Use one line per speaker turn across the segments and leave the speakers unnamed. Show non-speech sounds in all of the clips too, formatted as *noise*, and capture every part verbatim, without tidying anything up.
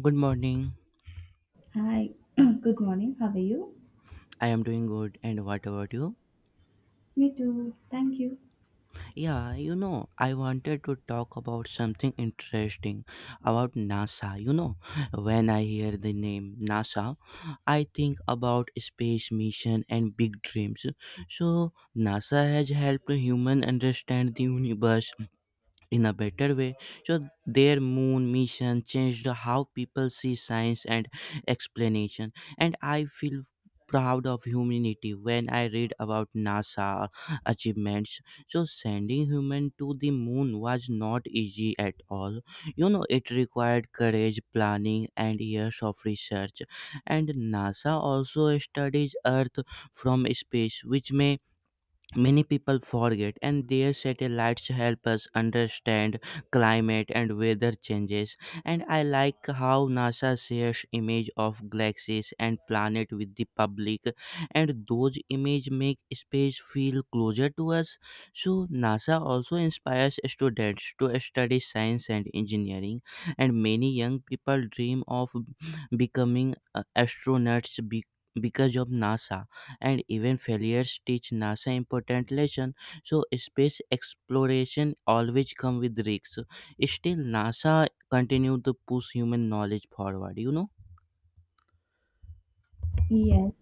Good morning.
Hi, *clears throat* good morning. How are you?
I am doing good. And what about you?
Me too. Thank you.
Yeah, you know, I wanted to talk about something interesting about NASA. You know, when I hear the name NASA, I think about space mission and big dreams. So, NASA has helped human understand the universe in a better way. So their moon mission changed how people see science and explanation. And I feel proud of humanity when I read about NASA achievements. So sending human to the moon was not easy at all. You know it required courage, planning and years of research. And NASA also studies Earth from space, which may Many people forget, and their satellites help us understand climate and weather changes. And I like how NASA shares images of galaxies and planets with the public, and those images make space feel closer to us. So NASA also inspires students to study science and engineering, and many young people dream of becoming uh, astronauts be- because of NASA and even failures teach NASA important lessons. So space exploration always come with risks. Still, NASA continue to push human knowledge forward. You know?
Yes,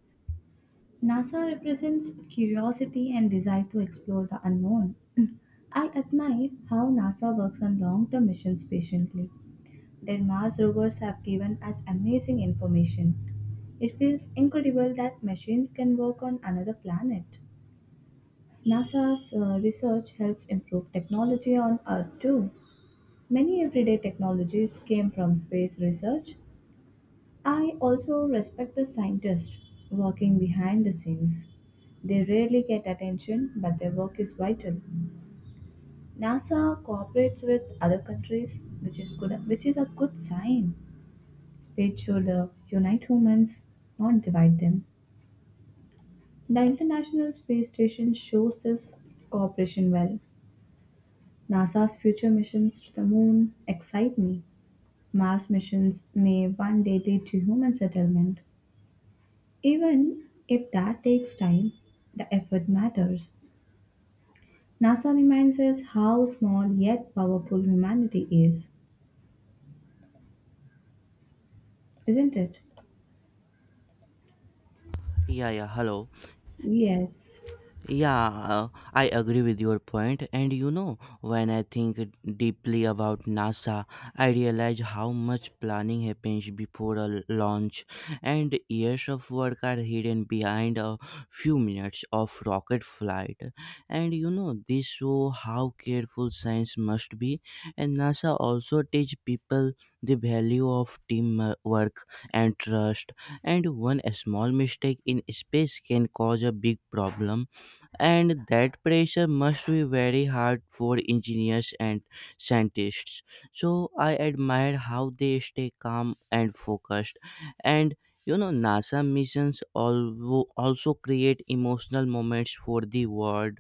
NASA represents curiosity and desire to explore the unknown. *clears throat* I admire how NASA works on long term missions patiently. Their Mars rovers have given us amazing information. It feels incredible that machines can work on another planet. NASA's uh, research helps improve technology on Earth too. Many everyday technologies came from space research. I also respect the scientists working behind the scenes. They rarely get attention, but their work is vital. NASA cooperates with other countries, which is good, which is a good sign. Space should uh, unite humans, not divide them. The International Space Station shows this cooperation well. NASA's future missions to the moon excite me. Mars missions may one day lead to human settlement. Even if that takes time, the effort matters. NASA reminds us how small yet powerful humanity is, isn't it?
Yeah, yeah. Hello.
Yes,
Yeah, uh, I agree with your point. And you know, when I think deeply about NASA, I realize how much planning happens before a launch, and years of work are hidden behind a few minutes of rocket flight. And you know, this show how careful science must be. And NASA also teach people the value of teamwork and trust. And one small mistake in space can cause a big problem, and that pressure must be very hard for engineers and scientists. So I admire how they stay calm and focused. And you know, NASA missions al- also create emotional moments for the world,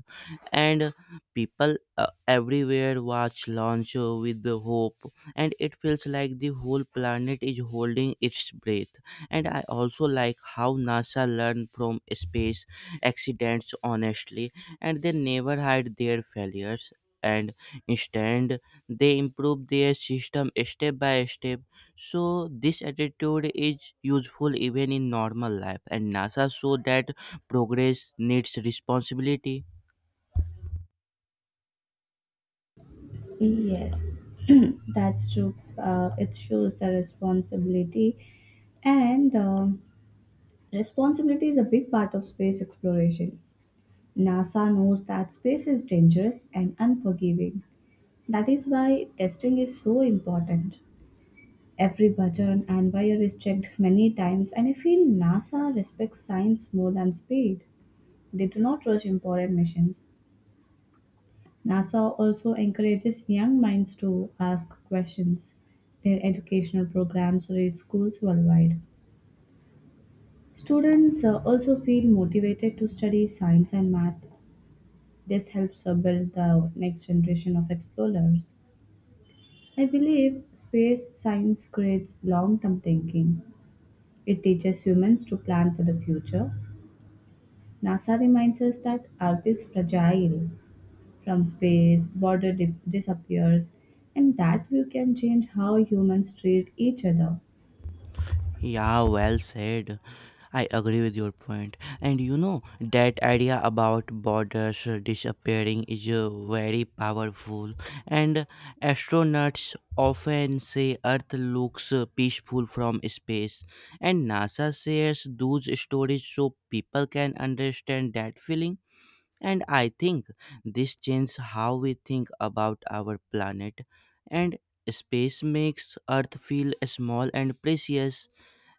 and people uh, everywhere watch launch uh, with the hope, and it feels like the whole planet is holding its breath. And I also like how NASA learned from space accidents honestly, and they never hide their failures, and instead they improve their system step by step. So this attitude is useful even in normal life, and NASA show that progress needs responsibility.
yes, *clears throat* that's true. Uh, it shows the responsibility, and um responsibility is a big part of space exploration. NASA knows that space is dangerous and unforgiving. That is why testing is so important. Every button and wire is checked many times, and I feel NASA respects science more than speed. They do not rush important missions. NASA also encourages young minds to ask questions. Their educational programs reach schools worldwide. Students uh, also feel motivated to study science and math. This helps uh, build the next generation of explorers. I believe space science creates long term thinking. It teaches humans to plan for the future. NASA reminds us that Earth is fragile. From space, border di- disappears, and that view can change how humans treat each other.
Yeah, well said. I agree with your point. And you know, that idea about borders disappearing is uh, very powerful. And astronauts often say Earth looks uh, peaceful from space. And NASA shares those stories so people can understand that feeling. And I think this changes how we think about our planet. And space makes Earth feel small and precious.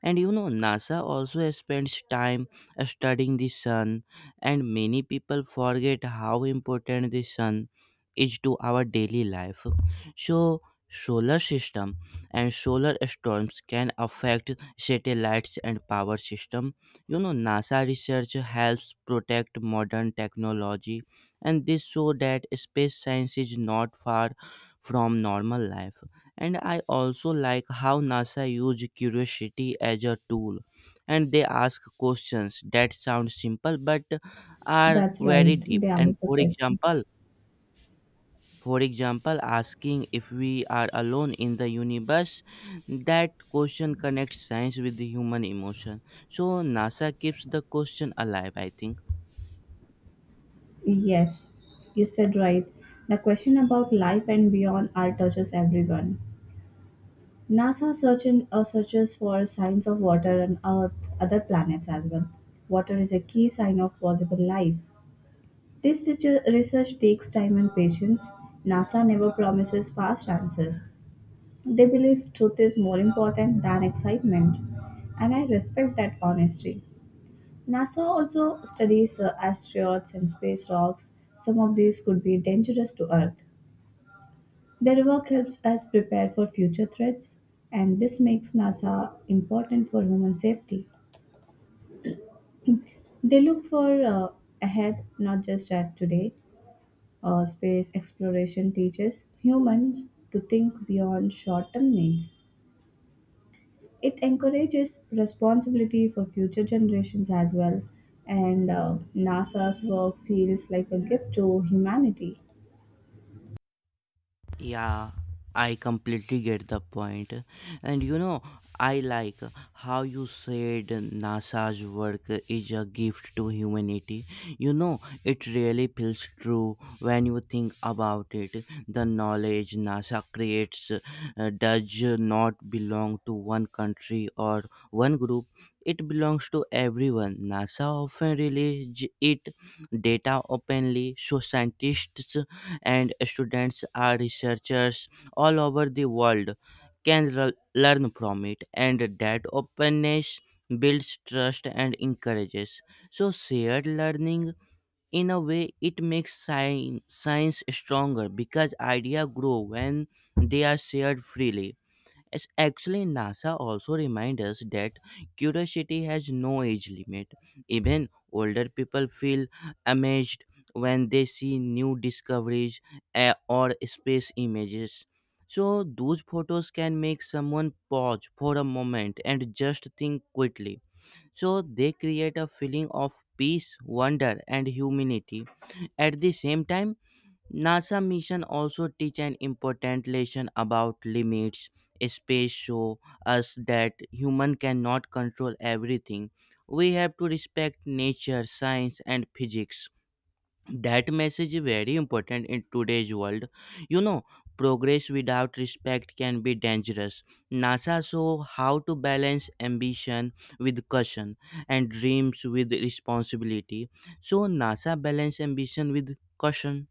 And you know, NASA also spends time studying the sun, and many people forget how important the sun is to our daily life. So, solar system and solar storms can affect satellites and power system. You know, NASA research helps protect modern technology, and this show that space science is not far from normal life. And I also like how NASA used curiosity as a tool, and they ask questions that sound simple but are
That's right.
very deep.
They
And
asked the
for
question.
example, for example, asking if we are alone in the universe, that question connects science with the human emotion. So NASA keeps the question alive, I think.
Yes, you said right. The question about life and beyond Earth touches everyone. NASA searching, uh, searches for signs of water on Earth, other planets as well. Water is a key sign of possible life. This research research takes time and patience. NASA never promises fast answers. They believe truth is more important than excitement, and I respect that honesty. NASA also studies uh, asteroids and space rocks. Some of these could be dangerous to Earth. Their work helps us prepare for future threats, and this makes NASA important for human safety. They look for uh, ahead, not just at today. Uh, space exploration teaches humans to think beyond short term needs. It encourages responsibility for future generations as well, and uh, NASA's work feels like a gift to humanity.
Yeah, I completely get the point. And you know, I like how you said NASA's work is a gift to humanity. You know, it really feels true when you think about it. The knowledge NASA creates uh, does not belong to one country or one group. It belongs to everyone. NASA often releases it data openly so scientists and students are researchers all over the world can l- learn from it, and that openness builds trust and encourages so shared learning. In a way it makes science, science stronger because ideas grow when they are shared freely. Yes, actually, NASA also reminds us that curiosity has no age limit. Even older people feel amazed when they see new discoveries, eh, or space images. So, those photos can make someone pause for a moment and just think quickly. So, they create a feeling of peace, wonder, and humanity. At the same time, NASA mission also teach an important lesson about limits. Space show us that human cannot control everything. We have to respect nature, science and physics. That message is very important in today's world. You know, progress without respect can be dangerous. NASA show how to balance ambition with caution and dreams with responsibility. So NASA balance ambition with caution.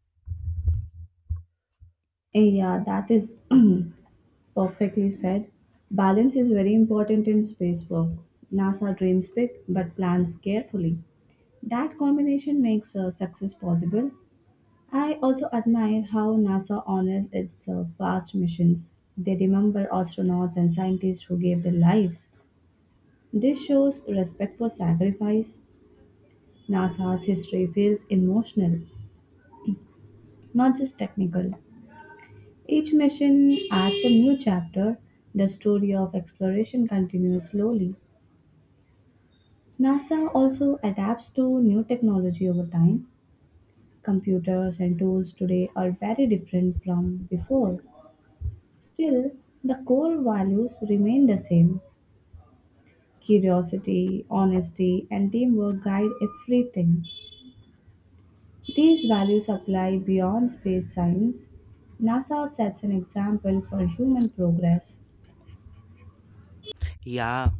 Yeah, that is *clears throat* perfectly said. Balance is very important in space work. NASA dreams big but plans carefully. That combination makes uh, success possible. I also admire how NASA honors its uh, past missions. They remember astronauts and scientists who gave their lives. This shows respect for sacrifice. NASA's history feels emotional, not just technical. Each mission adds a new chapter. The story of exploration continues slowly. NASA also adapts to new technology over time. Computers and tools today are very different from before. Still, the core values remain the same. Curiosity, honesty, and teamwork guide everything. These values apply beyond space science. NASA sets an example for human progress.
Yeah,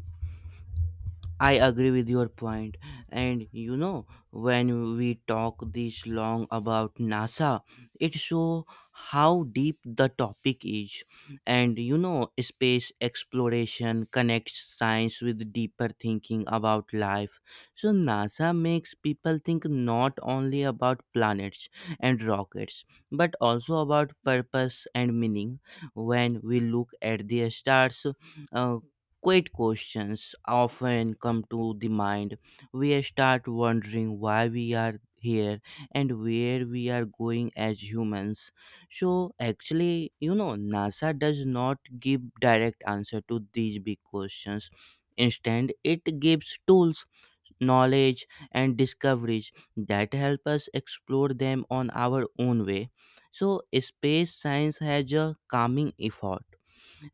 I agree with your point. And you know, when we talk this long about NASA, it shows how deep the topic is. And you know, space exploration connects science with deeper thinking about life. So, NASA makes people think not only about planets and rockets, but also about purpose and meaning. When we look at the stars, uh, quiet questions often come to the mind. We start wondering why we are here and where we are going as humans. So, actually, you know, NASA does not give direct answer to these big questions. Instead, it gives tools, knowledge, and discoveries that help us explore them on our own way. So, space science has a calming effect,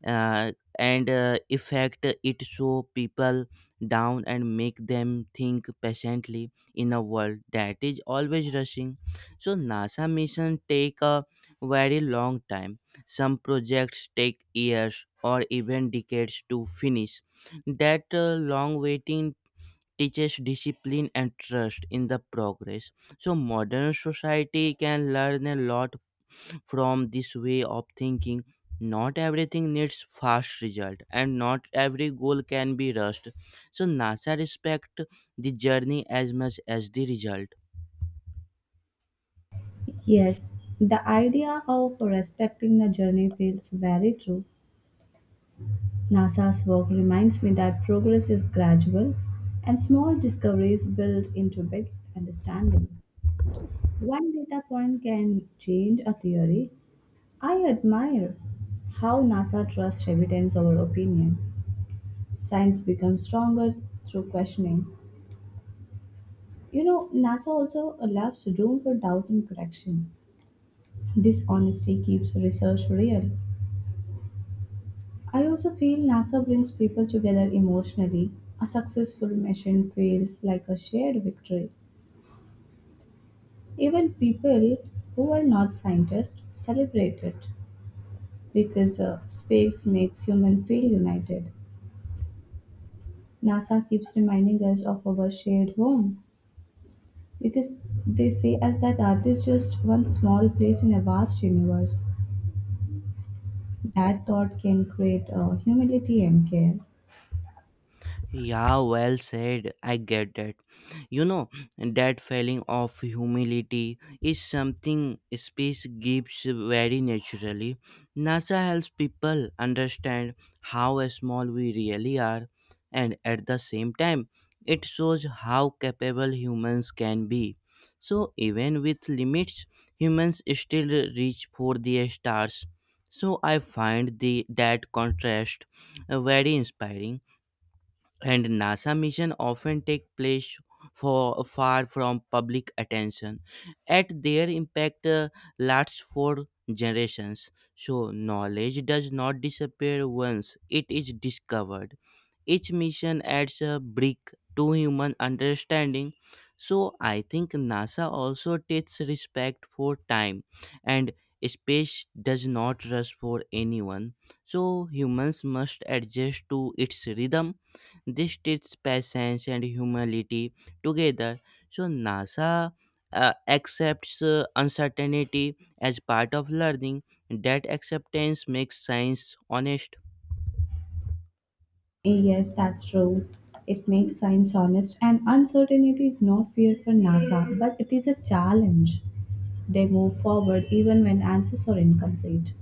uh, and uh, effect it show people down and make them think patiently in a world that is always rushing. So NASA mission take a very long time. Some projects take years or even decades to finish. That uh, long waiting teaches discipline and trust in the progress. So modern society can learn a lot from this way of thinking. Not everything needs fast result and not every goal can be rushed. So NASA respect the journey as much as the result.
Yes, the idea of respecting the journey feels very true. NASA's work reminds me that progress is gradual and small discoveries build into big understanding. One data point can change a theory. I admire how NASA trusts evidence over opinion. Science becomes stronger through questioning. You know, NASA also allows room for doubt and correction. This honesty keeps research real. I also feel NASA brings people together emotionally. A successful mission feels like a shared victory. Even people who are not scientists celebrate it because uh, space makes humans feel united. NASA keeps reminding us of our shared home because they say us that Earth is just one small place in a vast universe. That thought can create uh, humility and care.
Yeah, well said. I get that. You know, that feeling of humility is something space gives very naturally. NASA helps people understand how small we really are, and at the same time, it shows how capable humans can be. So, even with limits, humans still reach for the stars. So, I find the, that contrast uh, very inspiring. And NASA mission often take place for far from public attention, yet their impact uh, lasts for generations. So knowledge does not disappear once it is discovered. Each mission adds a brick to human understanding. So I think NASA also takes respect for time, and space does not rush for anyone. So humans must adjust to its rhythm. This teaches patience and humility together. So NASA uh, accepts uh, uncertainty as part of learning. That acceptance makes science honest.
Yes, that's true. It makes science honest, and uncertainty is not fear for NASA, but it is a challenge. They move forward even when answers are incomplete.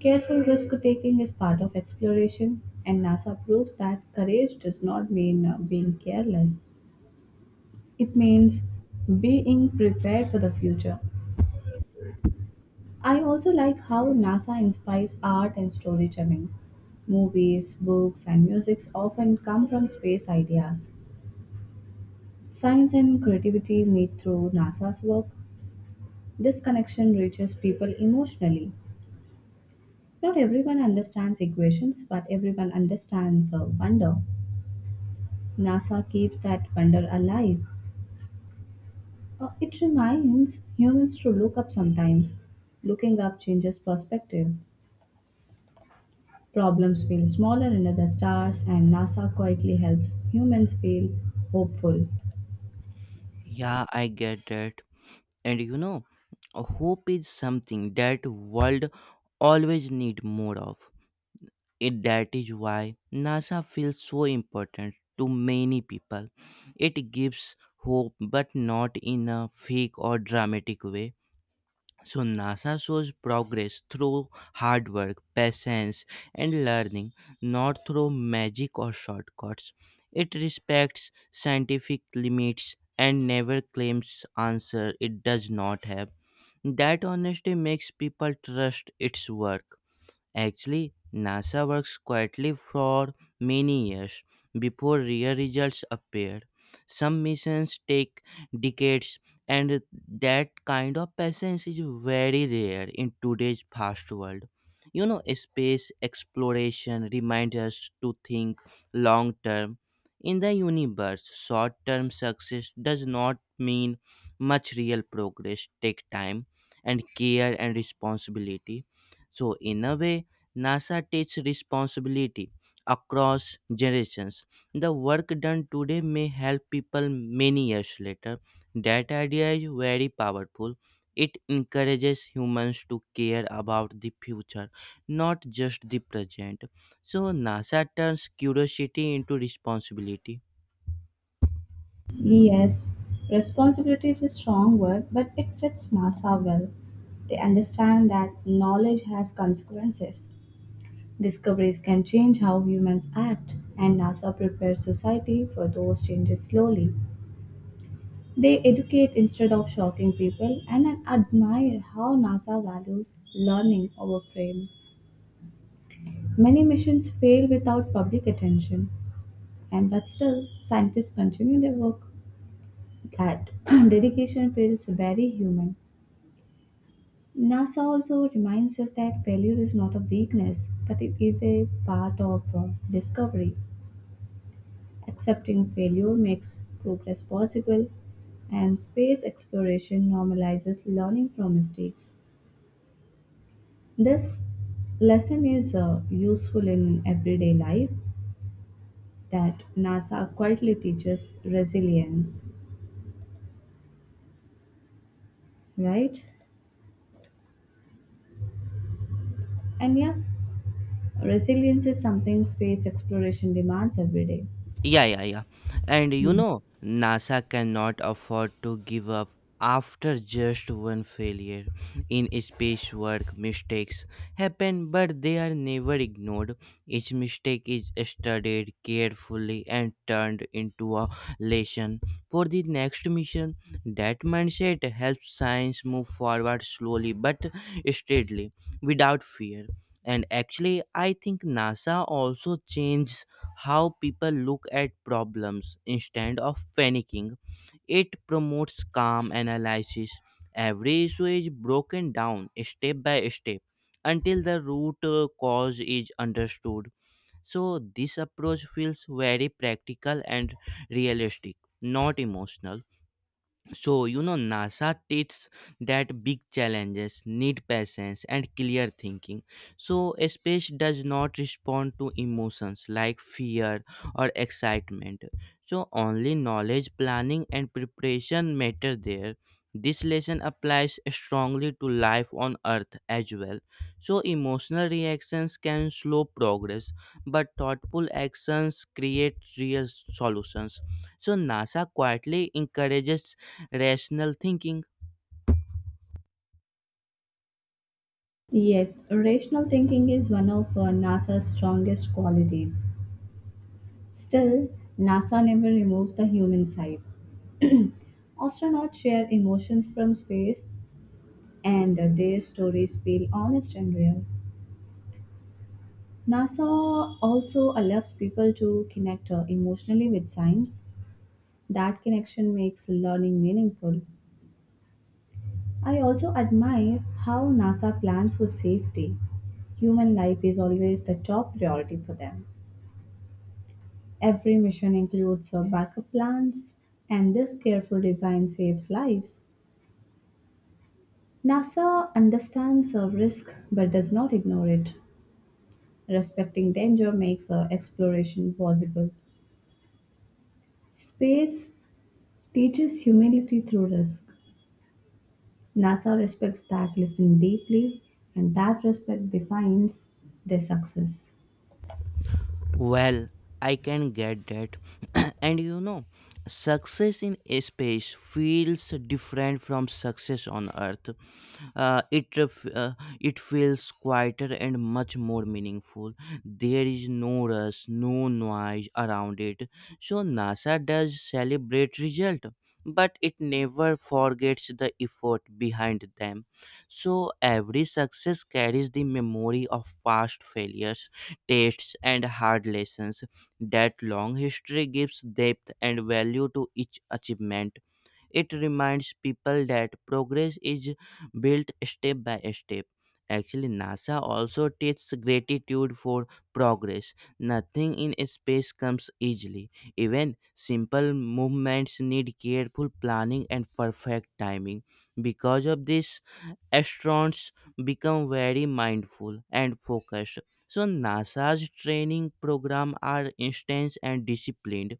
Careful risk taking is part of exploration, and NASA proves that courage does not mean uh, being careless. It means being prepared for the future. I also like how NASA inspires art and storytelling. Movies, books, and musics often come from space ideas. Science and creativity meet through NASA's work. This connection reaches people emotionally. Not everyone understands equations, but everyone understands uh, wonder. NASA keeps that wonder alive. Uh, it reminds humans to look up sometimes. Looking up changes perspective. Problems feel smaller in other stars, and NASA quietly helps humans feel hopeful.
Yeah, I get that. And you know, hope is something that world always need more of. It that is why NASA feels so important to many people. It gives hope but not in a fake or dramatic way. So NASA shows progress through hard work, patience, and learning, not through magic or shortcuts. It respects scientific limits and never claims answer it does not have. That honesty makes people trust its work. Actually, NASA works quietly for many years before real results appear. Some missions take decades, and that kind of patience is very rare in today's fast world. You know, space exploration reminds us to think long term. In the universe, short term success does not mean much. Real progress, take time and care and responsibility. So, in a way, NASA takes responsibility across generations. The work done today may help people many years later. That idea is very powerful. It encourages humans to care about the future, not just the present. So, NASA turns curiosity into responsibility.
Yes, responsibility is a strong word, but it fits NASA well. They understand that knowledge has consequences. Discoveries can change how humans act, and NASA prepares society for those changes slowly. They educate instead of shocking people, and I admire how NASA values learning over fame. Many missions fail without public attention. And but still, scientists continue their work. That *clears throat* dedication feels very human. NASA also reminds us that failure is not a weakness, but it is a part of uh, discovery. Accepting failure makes progress possible, and space exploration normalizes learning from mistakes. This lesson is uh, useful in everyday life that NASA quietly teaches resilience, right? And yeah, resilience is something space exploration demands every day.
Yeah, yeah, yeah. And you
Hmm.
know, NASA cannot afford to give up after just one failure. In space work, mistakes happen, but they are never ignored. Each mistake is studied carefully and turned into a lesson for the next mission. That mindset helps science move forward slowly but steadily without fear. And actually, I think NASA also changed how people look at problems instead of panicking. It promotes calm analysis. Every issue is broken down step by step until the root uh, cause is understood. So, this approach feels very practical and realistic, not emotional. So, you know, NASA teaches that big challenges need patience and clear thinking. So, space does not respond to emotions like fear or excitement. So, only knowledge, planning, and preparation matter there. This lesson applies strongly to life on Earth as well. So, emotional reactions can slow progress, but thoughtful actions create real solutions. So NASA quietly encourages rational thinking.
Yes, rational thinking is one of uh, NASA's strongest qualities. Still, NASA never removes the human side. Astronauts share emotions from space, and uh, their stories feel honest and real. NASA also allows people to connect uh, emotionally with science. That connection makes learning meaningful. I also admire how NASA plans for safety. Human life is always the top priority for them. Every mission includes uh, backup plans, and this careful design saves lives. NASA understands a risk but does not ignore it. Respecting danger makes uh, exploration possible. Space teaches humility through risk. NASA respects that listen deeply, and that respect defines their success.
Well, I can get that. *clears throat* And you know, success in space feels different from success on earth. uh, it ref- uh, it feels quieter and much more meaningful. There is no rush, no noise around it. So NASA does celebrate result, but it never forgets the effort behind them. So every success carries the memory of past failures, tastes, and hard lessons. That long history gives depth and value to each achievement. It reminds people that progress is built step by step. Actually, NASA also teaches gratitude for progress. Nothing in space comes easily. Even simple movements need careful planning and perfect timing. Because of this, astronauts become very mindful and focused. So NASA's training program are intense and disciplined,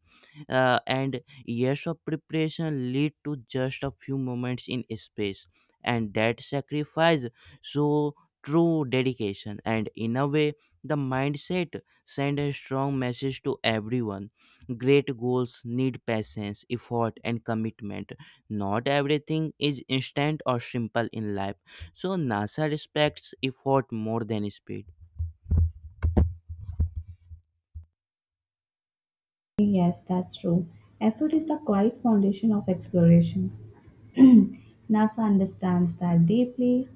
uh, and years of preparation lead to just a few moments in space, and that sacrifice, so true dedication, and in a way the mindset send a strong message to everyone. Great goals need patience, effort, and commitment. Not everything is instant or simple in life. So NASA respects effort more than speed.
Yes, that's true. Effort is the quiet foundation of exploration. NASA understands that deeply.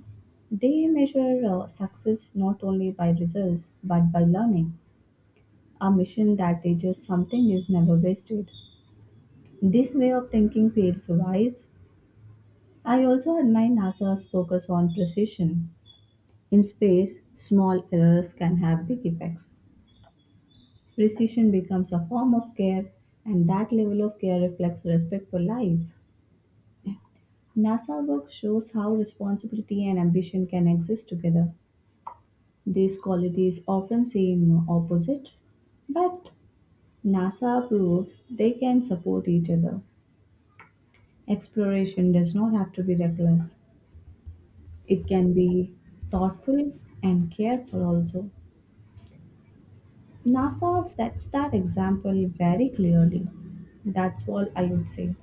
They measure uh, success not only by results but by learning. A mission that teaches something is never wasted. This way of thinking feels wise. I also admire NASA's focus on precision. In space, small errors can have big effects. Precision becomes a form of care, and that level of care reflects respect for life. NASA work shows how responsibility and ambition can exist together. These qualities often seem opposite, but NASA proves they can support each other. Exploration does not have to be reckless, it can be thoughtful and careful also. NASA sets that example very clearly. That's all I would say.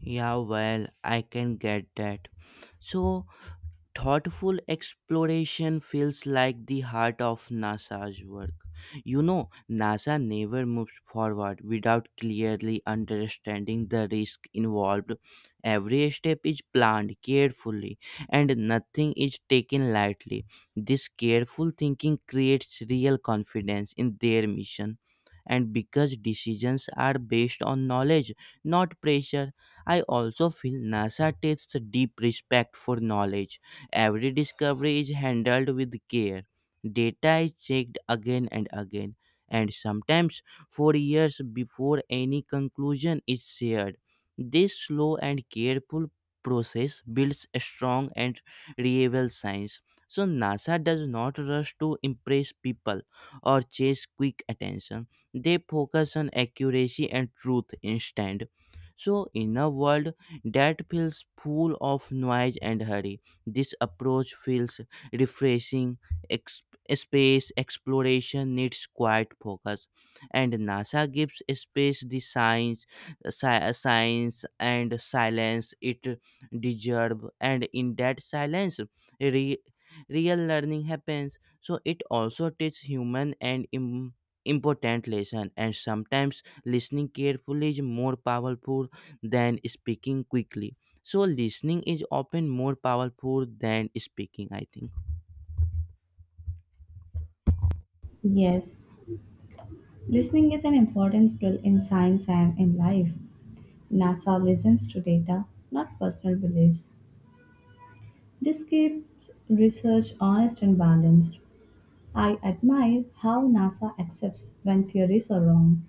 Yeah, well, I can get that. So thoughtful exploration feels like the heart of NASA's work. You know, NASA never moves forward without clearly understanding the risk involved. Every step is planned carefully and nothing is taken lightly. This careful thinking creates real confidence in their mission. And because decisions are based on knowledge, not pressure, I also feel NASA takes a deep respect for knowledge. Every discovery is handled with care. Data is checked again and again, and sometimes for years before any conclusion is shared. This slow and careful process builds a strong and reliable science. So, NASA does not rush to impress people or chase quick attention. They focus on accuracy and truth instead. So, in a world that feels full of noise and hurry, this approach feels refreshing. Ex- Space exploration needs quiet focus, and NASA gives space the science, sci- science and silence it deserves. And in that silence, re- real learning happens. So it also teaches human and im- important lesson. And sometimes listening carefully is more powerful than speaking quickly. So listening is often more powerful than speaking, I think.
Yes, listening is an important skill in science and in life. NASA listens to data, not personal beliefs. This keeps research honest and balanced. I admire how NASA accepts when theories are wrong.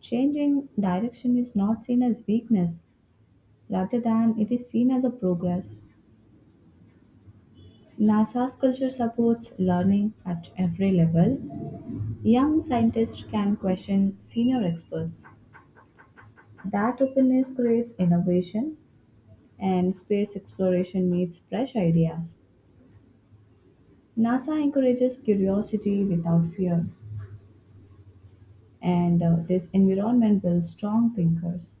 Changing direction is not seen as weakness, rather than it is seen as a progress. NASA's culture supports learning at every level. Young scientists can question senior experts. That openness creates innovation, and space exploration needs fresh ideas. NASA encourages curiosity without fear, and uh, this environment builds strong thinkers.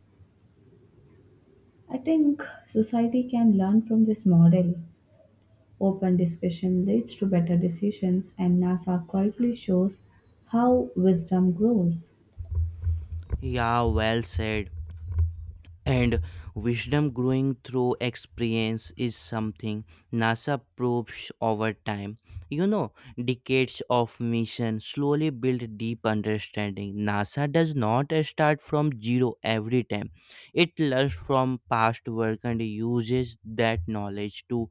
I think society can learn from this model. Open discussion leads to better decisions, and NASA quietly shows how wisdom grows.
Yeah, well said. And wisdom growing through experience is something NASA proves over time. You know, decades of mission slowly build deep understanding. NASA does not start from zero every time. It learns from past work and uses that knowledge to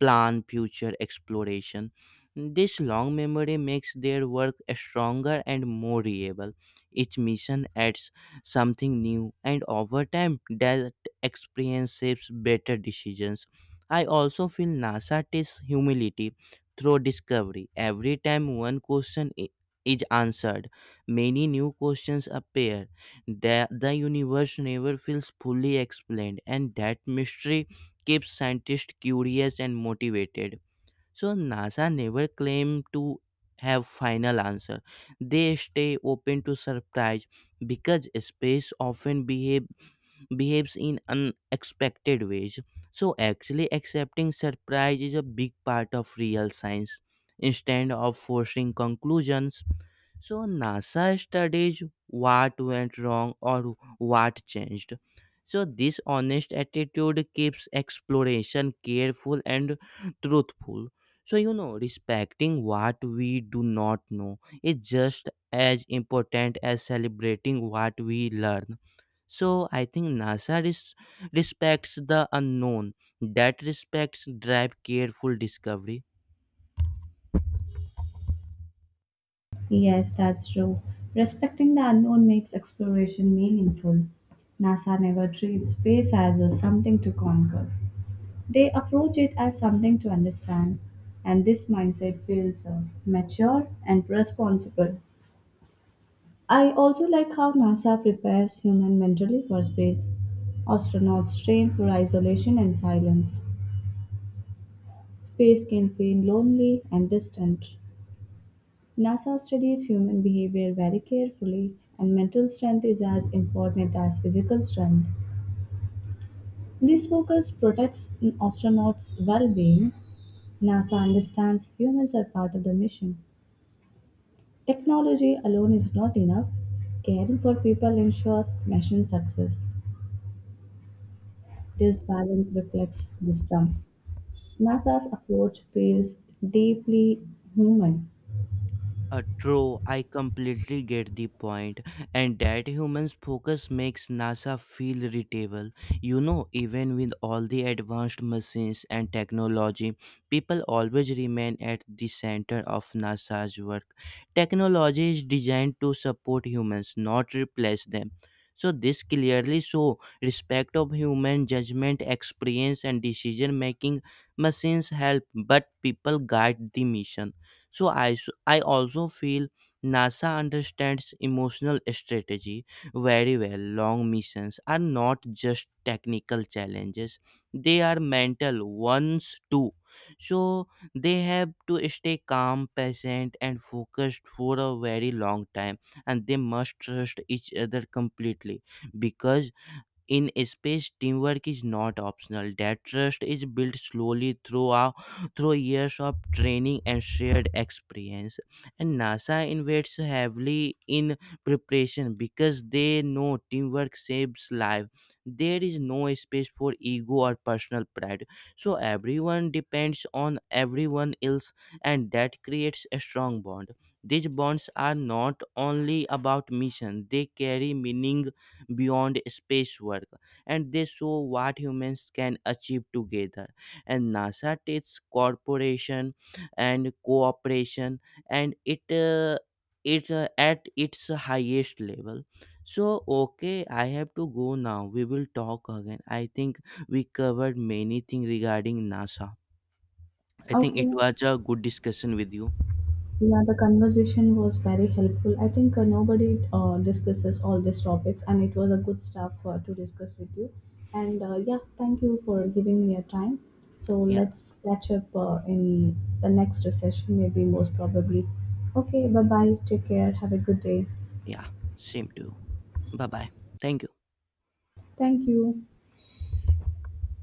plan future exploration. This long memory makes their work stronger and more reliable. Each mission adds something new, and over time, that experience shapes better decisions. I also feel NASA tests humility through discovery. Every time one question i- is answered, many new questions appear. The, the universe never feels fully explained, and that mystery keeps scientists curious and motivated. So NASA never claim to have final answer. They stay open to surprise because space often behave behaves in unexpected ways. So actually, accepting surprise is a big part of real science instead of forcing conclusions. So NASA studies what went wrong or what changed. So this honest attitude keeps exploration careful and truthful. So you know, respecting what we do not know is just as important as celebrating what we learn. So I think NASA res- respects the unknown. That respects drive careful discovery.
Yes, that's true. Respecting the unknown makes exploration meaningful. NASA never treats space as a something to conquer. They approach it as something to understand, and this mindset feels uh, mature and responsible. I also like how NASA prepares human mentally for space. Astronauts train for isolation and silence. Space can feel lonely and distant. NASA studies human behavior very carefully, and mental strength is as important as physical strength. This focus protects an astronauts' well being. NASA understands humans are part of the mission. Technology alone is not enough. Caring for people ensures mission success. This balance reflects wisdom. NASA's approach feels deeply human.
Uh, true, I completely get the point, and that humans' focus makes NASA feel irritable. You know, even with all the advanced machines and technology, people always remain at the center of NASA's work. Technology is designed to support humans, not replace them. So this clearly show respect of human judgment, experience, and decision making. Machines help, but people guide the mission. So i s- I also feel NASA understands emotional strategy very well. Long missions are not just technical challenges, they are mental ones too. So they have to stay calm, patient, and focused for a very long time, and they must trust each other completely, because in space, teamwork is not optional. That trust is built slowly throughout through years of training and shared experience. And NASA invests heavily in preparation because they know teamwork saves life. There is no space for ego or personal pride. So everyone depends on everyone else, and that creates a strong bond. These bonds are not only about mission; they carry meaning beyond space work, and they show what humans can achieve together. And NASA takes corporation and cooperation and it uh, it uh, at its highest level. So okay, I have to go now. We will talk again, I think. We covered many things regarding NASA. I think it
Okay,
was a good discussion with you.
yeah, the conversation was very helpful. I think uh, nobody uh, discusses all these topics, and it was a good stuff uh, to discuss with you. And uh, yeah, thank you for giving me your time. So
Yeah.
let's catch up uh, in the next session, maybe most probably. Okay, bye bye. Take care. Have a good day.
Yeah, same to you. Bye bye. Thank you.
Thank you.